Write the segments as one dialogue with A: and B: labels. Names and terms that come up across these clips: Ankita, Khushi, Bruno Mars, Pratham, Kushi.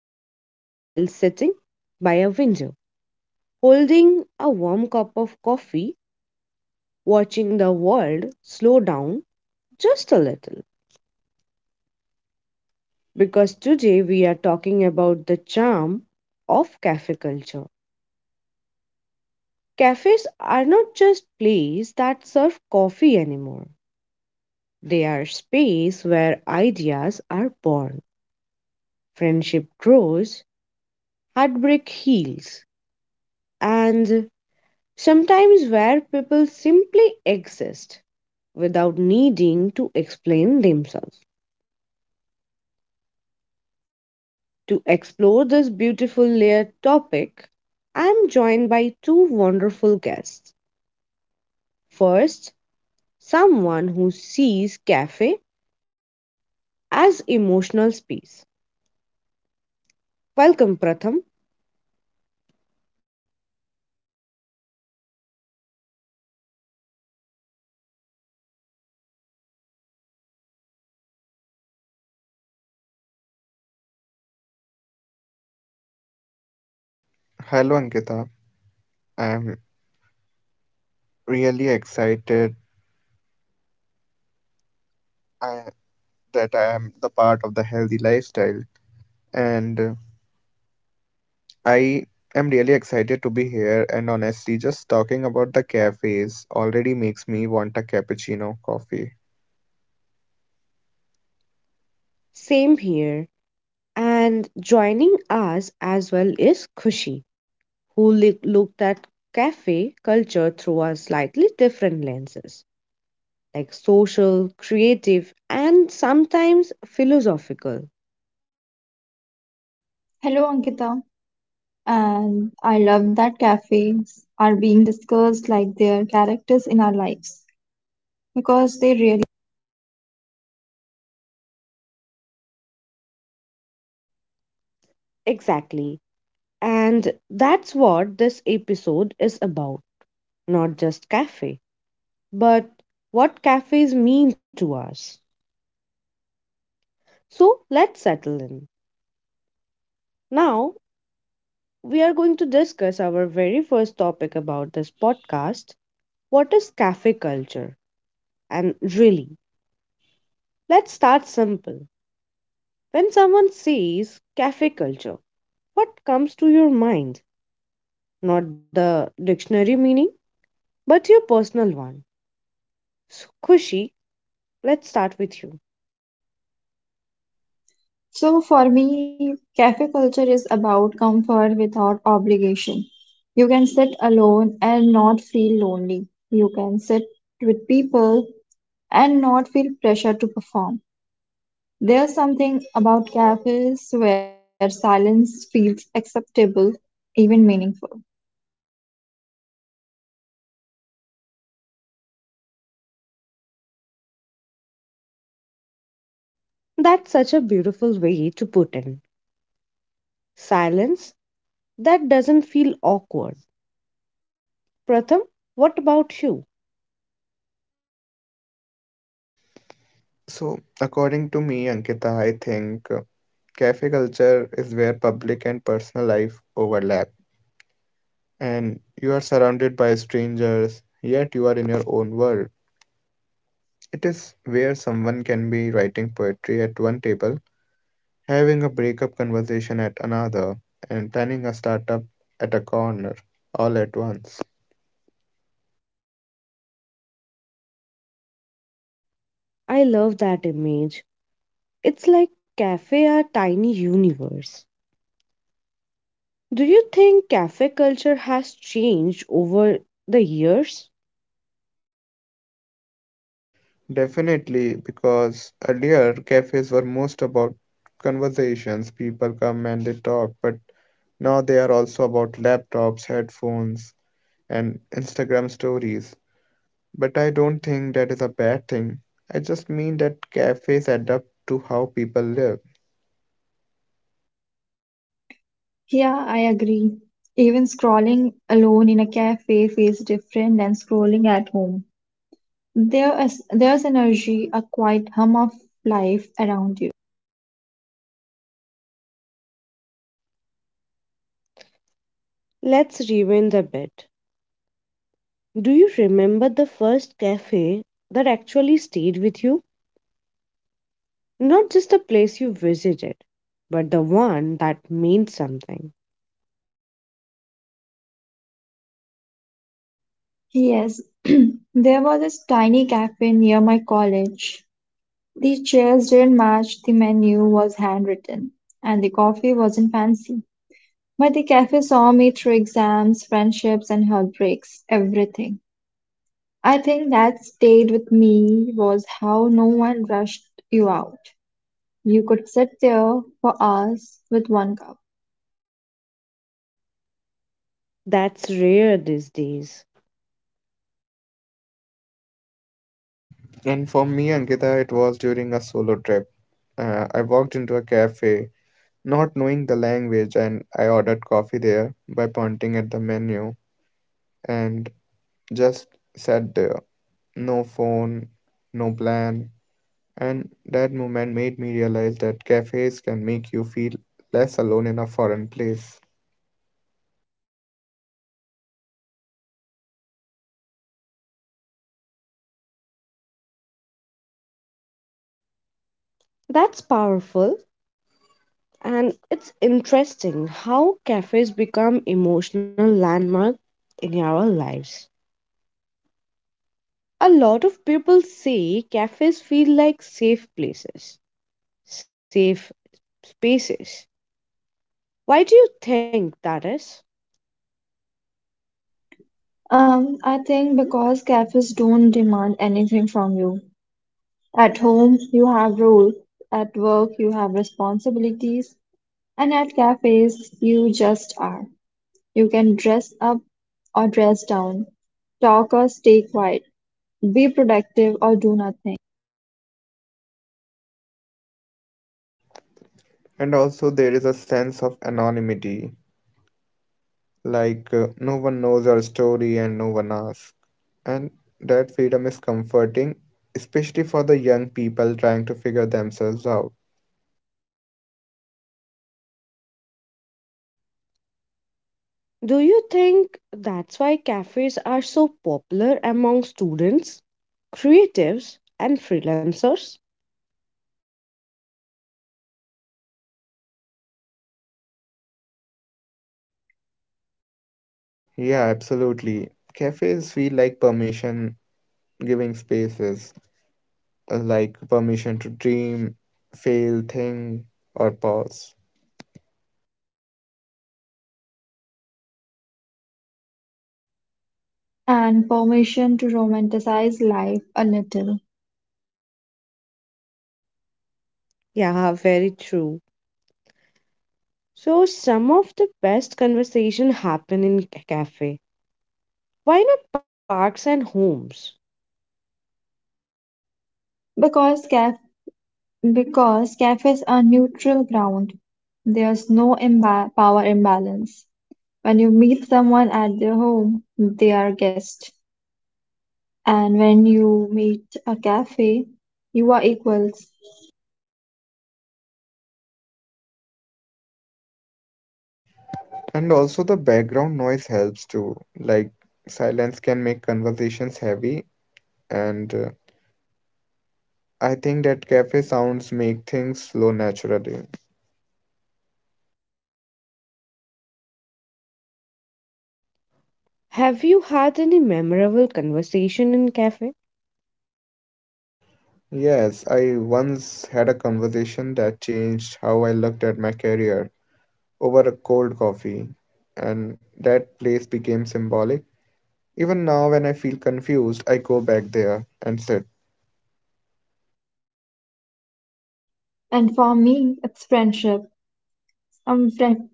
A: to while sitting by a window, holding a warm cup of coffee, watching the world slow down just a little. Because today we are talking about the charm of cafe culture. Cafes are not just places that serve coffee anymore. They are space where ideas are born, friendship grows, heartbreak heals, and sometimes where people simply exist without needing to explain themselves. To explore this beautiful layered topic, I'm joined by two wonderful guests. First, someone who sees cafe as emotional space. Welcome, Pratham.
B: Hello, Ankita. I'm really excited uh, that I am the part of the healthy lifestyle, and I am really excited to be here. And honestly, just talking about the cafes already makes me want a cappuccino coffee.
A: Same here. And joining us as well is Khushi, who looked at cafe culture through a slightly different lenses, like social, creative, and sometimes philosophical.
C: Hello, Ankita. And I love that cafes are being discussed like they're characters in our lives because they really.
A: Exactly. And that's what this episode is about. Not just cafe, but what cafes mean to us. So let's settle in. Now, we are going to discuss our very first topic about this podcast: what is cafe culture? And really, let's start simple. When someone says cafe culture, what comes to your mind? Not the dictionary meaning, but your personal one. So, Kushi, let's start with you.
C: So for me, cafe culture is about comfort without obligation. You can sit alone and not feel lonely. You can sit with people and not feel pressure to perform. There's something about cafes where silence feels acceptable, even meaningful.
A: That's such a beautiful way to put in. Silence that doesn't feel awkward. Pratham, what about you?
B: So, according to me, Ankita, I think cafe culture is where public and personal life overlap, and you are surrounded by strangers, yet you are in your own world. It is where someone can be writing poetry at one table having a breakup conversation at another, and planning a startup at a corner all at once.
A: I love that image. It's like cafe are tiny universe. Do you think cafe culture has changed over the years?
B: Definitely, because earlier cafes were most about conversations. People come and they talk, but now they are also about laptops, headphones, and Instagram stories. But I don't think that is a bad thing. I just mean that cafes adapt to how people live.
C: Yeah, I agree. Even scrolling alone in a cafe feels different than scrolling at home. There's energy, a quiet hum of life around you.
A: Let's rewind a bit. Do you remember the first cafe that actually stayed with you? Not just the place you visited, but the one that meant something.
C: Yes, there was this tiny cafe near my college. The chairs didn't match, the menu was handwritten, and the coffee wasn't fancy. But the cafe saw me through exams, friendships, and heartbreaks, everything. I think that stayed with me was how no one rushed you out. You could sit there for hours with one cup.
A: That's rare these days.
B: And for me, Ankita, it was during a solo trip. I walked into a cafe, not knowing the language, and I ordered coffee there by pointing at the menu and just sat there. No phone, no plan. And that moment made me realize that cafes can make you feel less alone in a foreign place.
A: That's powerful, and it's interesting how cafes become emotional landmark in our lives. A lot of people say cafes feel like safe places, safe spaces. Why do you think that is?
C: I think because cafes don't demand anything from you. At home, you have rules. At work, you have responsibilities. And at cafes, you just are. You can dress up or dress down, talk or stay quiet, be productive or do nothing,
B: And also, there is a sense of anonymity, like no one knows your story and no one asks. And that freedom is comforting, especially for the young people trying to figure themselves out.
A: Do you think that's why cafes are so popular among students, creatives, and freelancers?
B: Yeah, absolutely. Cafes feel like permission giving spaces, like permission to dream, fail, think, or pause.
C: and permission to romanticize life a little.
A: Yeah, very true. So some of the best conversation happen in cafe. Why not parks and homes?
C: Because caf because cafes are neutral ground. There's no imba power imbalance. When you meet someone at their home, they are guest. And when you meet a cafe, you are equals.
B: And also, the background noise helps too. Like, silence can make conversations heavy, and I think that cafe sounds make things flow naturally.
A: Have you had any memorable conversation in cafe?
B: Yes, I once had a conversation that changed how I looked at my career over a cold coffee, and that place became symbolic. Even now, when I feel confused, I go back there and sit.
C: And for me, it's friendship. Some friend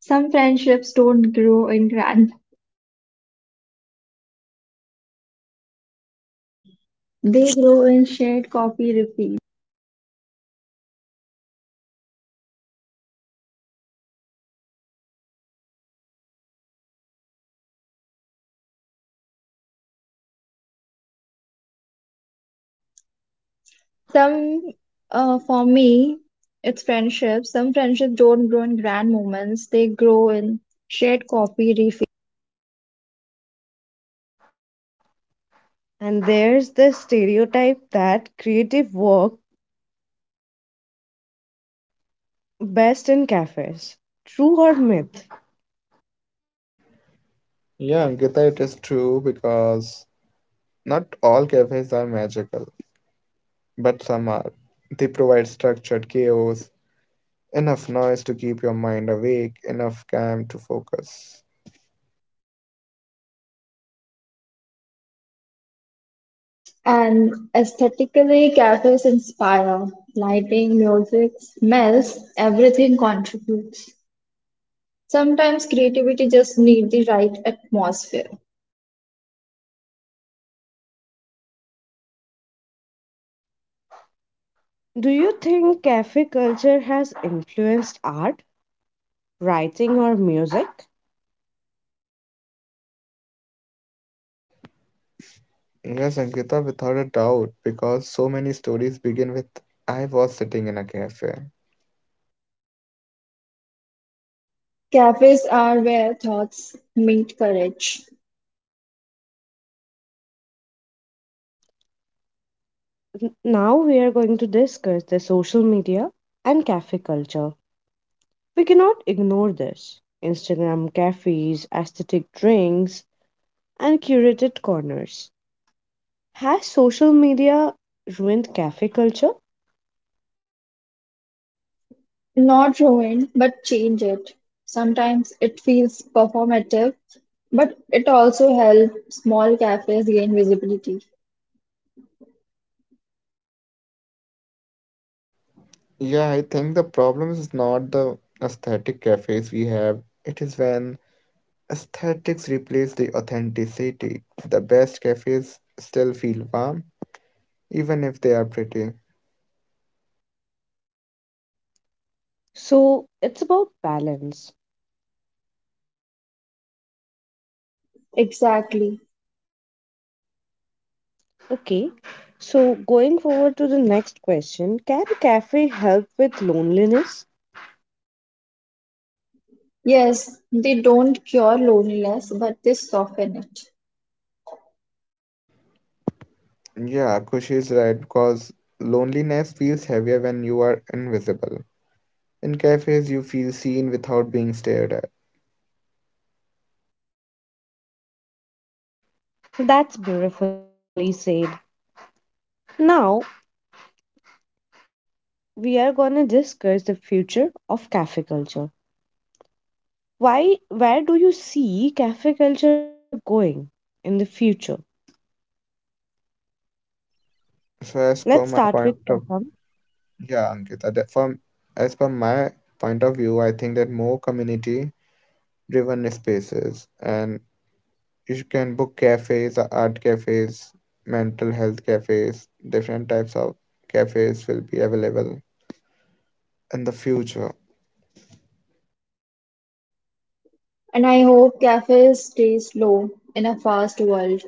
C: some friendships don't grow in grand. They grow in shared coffee refill. Some, for me, it's friendship. Some friendships don't grow in grand moments, they grow in shared coffee refills.
A: And there's the stereotype that creative work best in cafes. True or myth?
B: Yeah, Ankita, it is true because not all cafes are magical, but some are. They provide structured chaos, enough noise to keep your mind awake, enough calm to focus.
C: And aesthetically, cafes inspire. Lighting, music, smells, everything contributes. Sometimes creativity just needs the right atmosphere.
A: Do you think cafe culture has influenced art, writing, or music?
B: Yes, Ankita, without a doubt, because so many stories begin with I was sitting in a cafe.
C: Cafes are where thoughts meet courage.
A: Now we are going to discuss the social media and cafe culture. We cannot ignore this. Instagram cafes, aesthetic drinks, and curated corners. Has social media ruined cafe culture?
C: Not ruin, but change it. Sometimes it feels performative, but it also helps small cafes gain visibility.
B: Yeah, I think the problem is not the aesthetic cafes we have, it is when aesthetics replace the authenticity. The best cafes still feel warm, even if they are pretty.
A: So it's about balance.
C: Exactly.
A: Okay, so going forward to the next question: can cafe help with loneliness?
C: Yes, they don't cure loneliness, but they soften it.
B: Yeah, Kushi is right because loneliness feels heavier when you are invisible. In cafes, you feel seen without being stared at.
A: That's beautifully said. Now we are going to discuss the future of cafe culture. Why, where do you see cafe culture going in the future?
B: So, as per
A: Let's
B: my
A: start with
B: point of
A: Praham.
B: Yeah, Ankita, that from as per my point of view, I think that more community-driven spaces and you can book cafes, art cafes, mental health cafes, different types of cafes will be available in the future.
C: And I hope cafes stay slow in a fast world.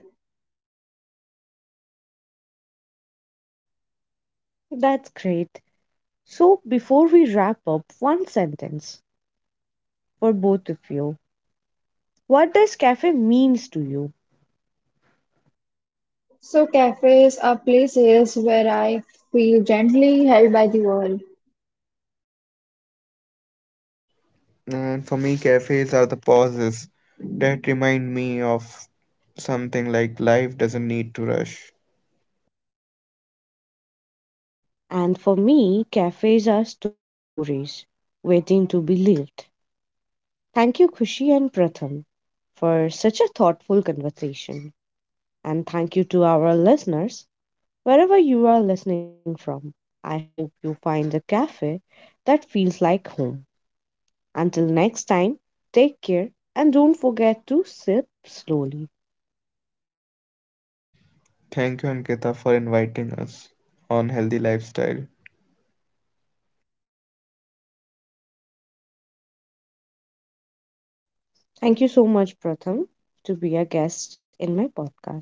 A: That's great. So before we wrap up, one sentence for both of you. What does cafe means to you?
C: So, cafes are places where I feel gently held by the world.
B: And for me, cafes are the pauses that remind me of something like life doesn't need to rush.
A: And for me, cafes are stories waiting to be lived. Thank you, Kushi and Pratham, for such a thoughtful conversation. And thank you to our listeners, wherever you are listening from. I hope you find a cafe that feels like home. Until next time, take care and don't forget to sip slowly.
B: Thank you, Ankita, for inviting us on Healthy Lifestyle.
A: Thank you so much, Pratham, to be a guest in my podcast.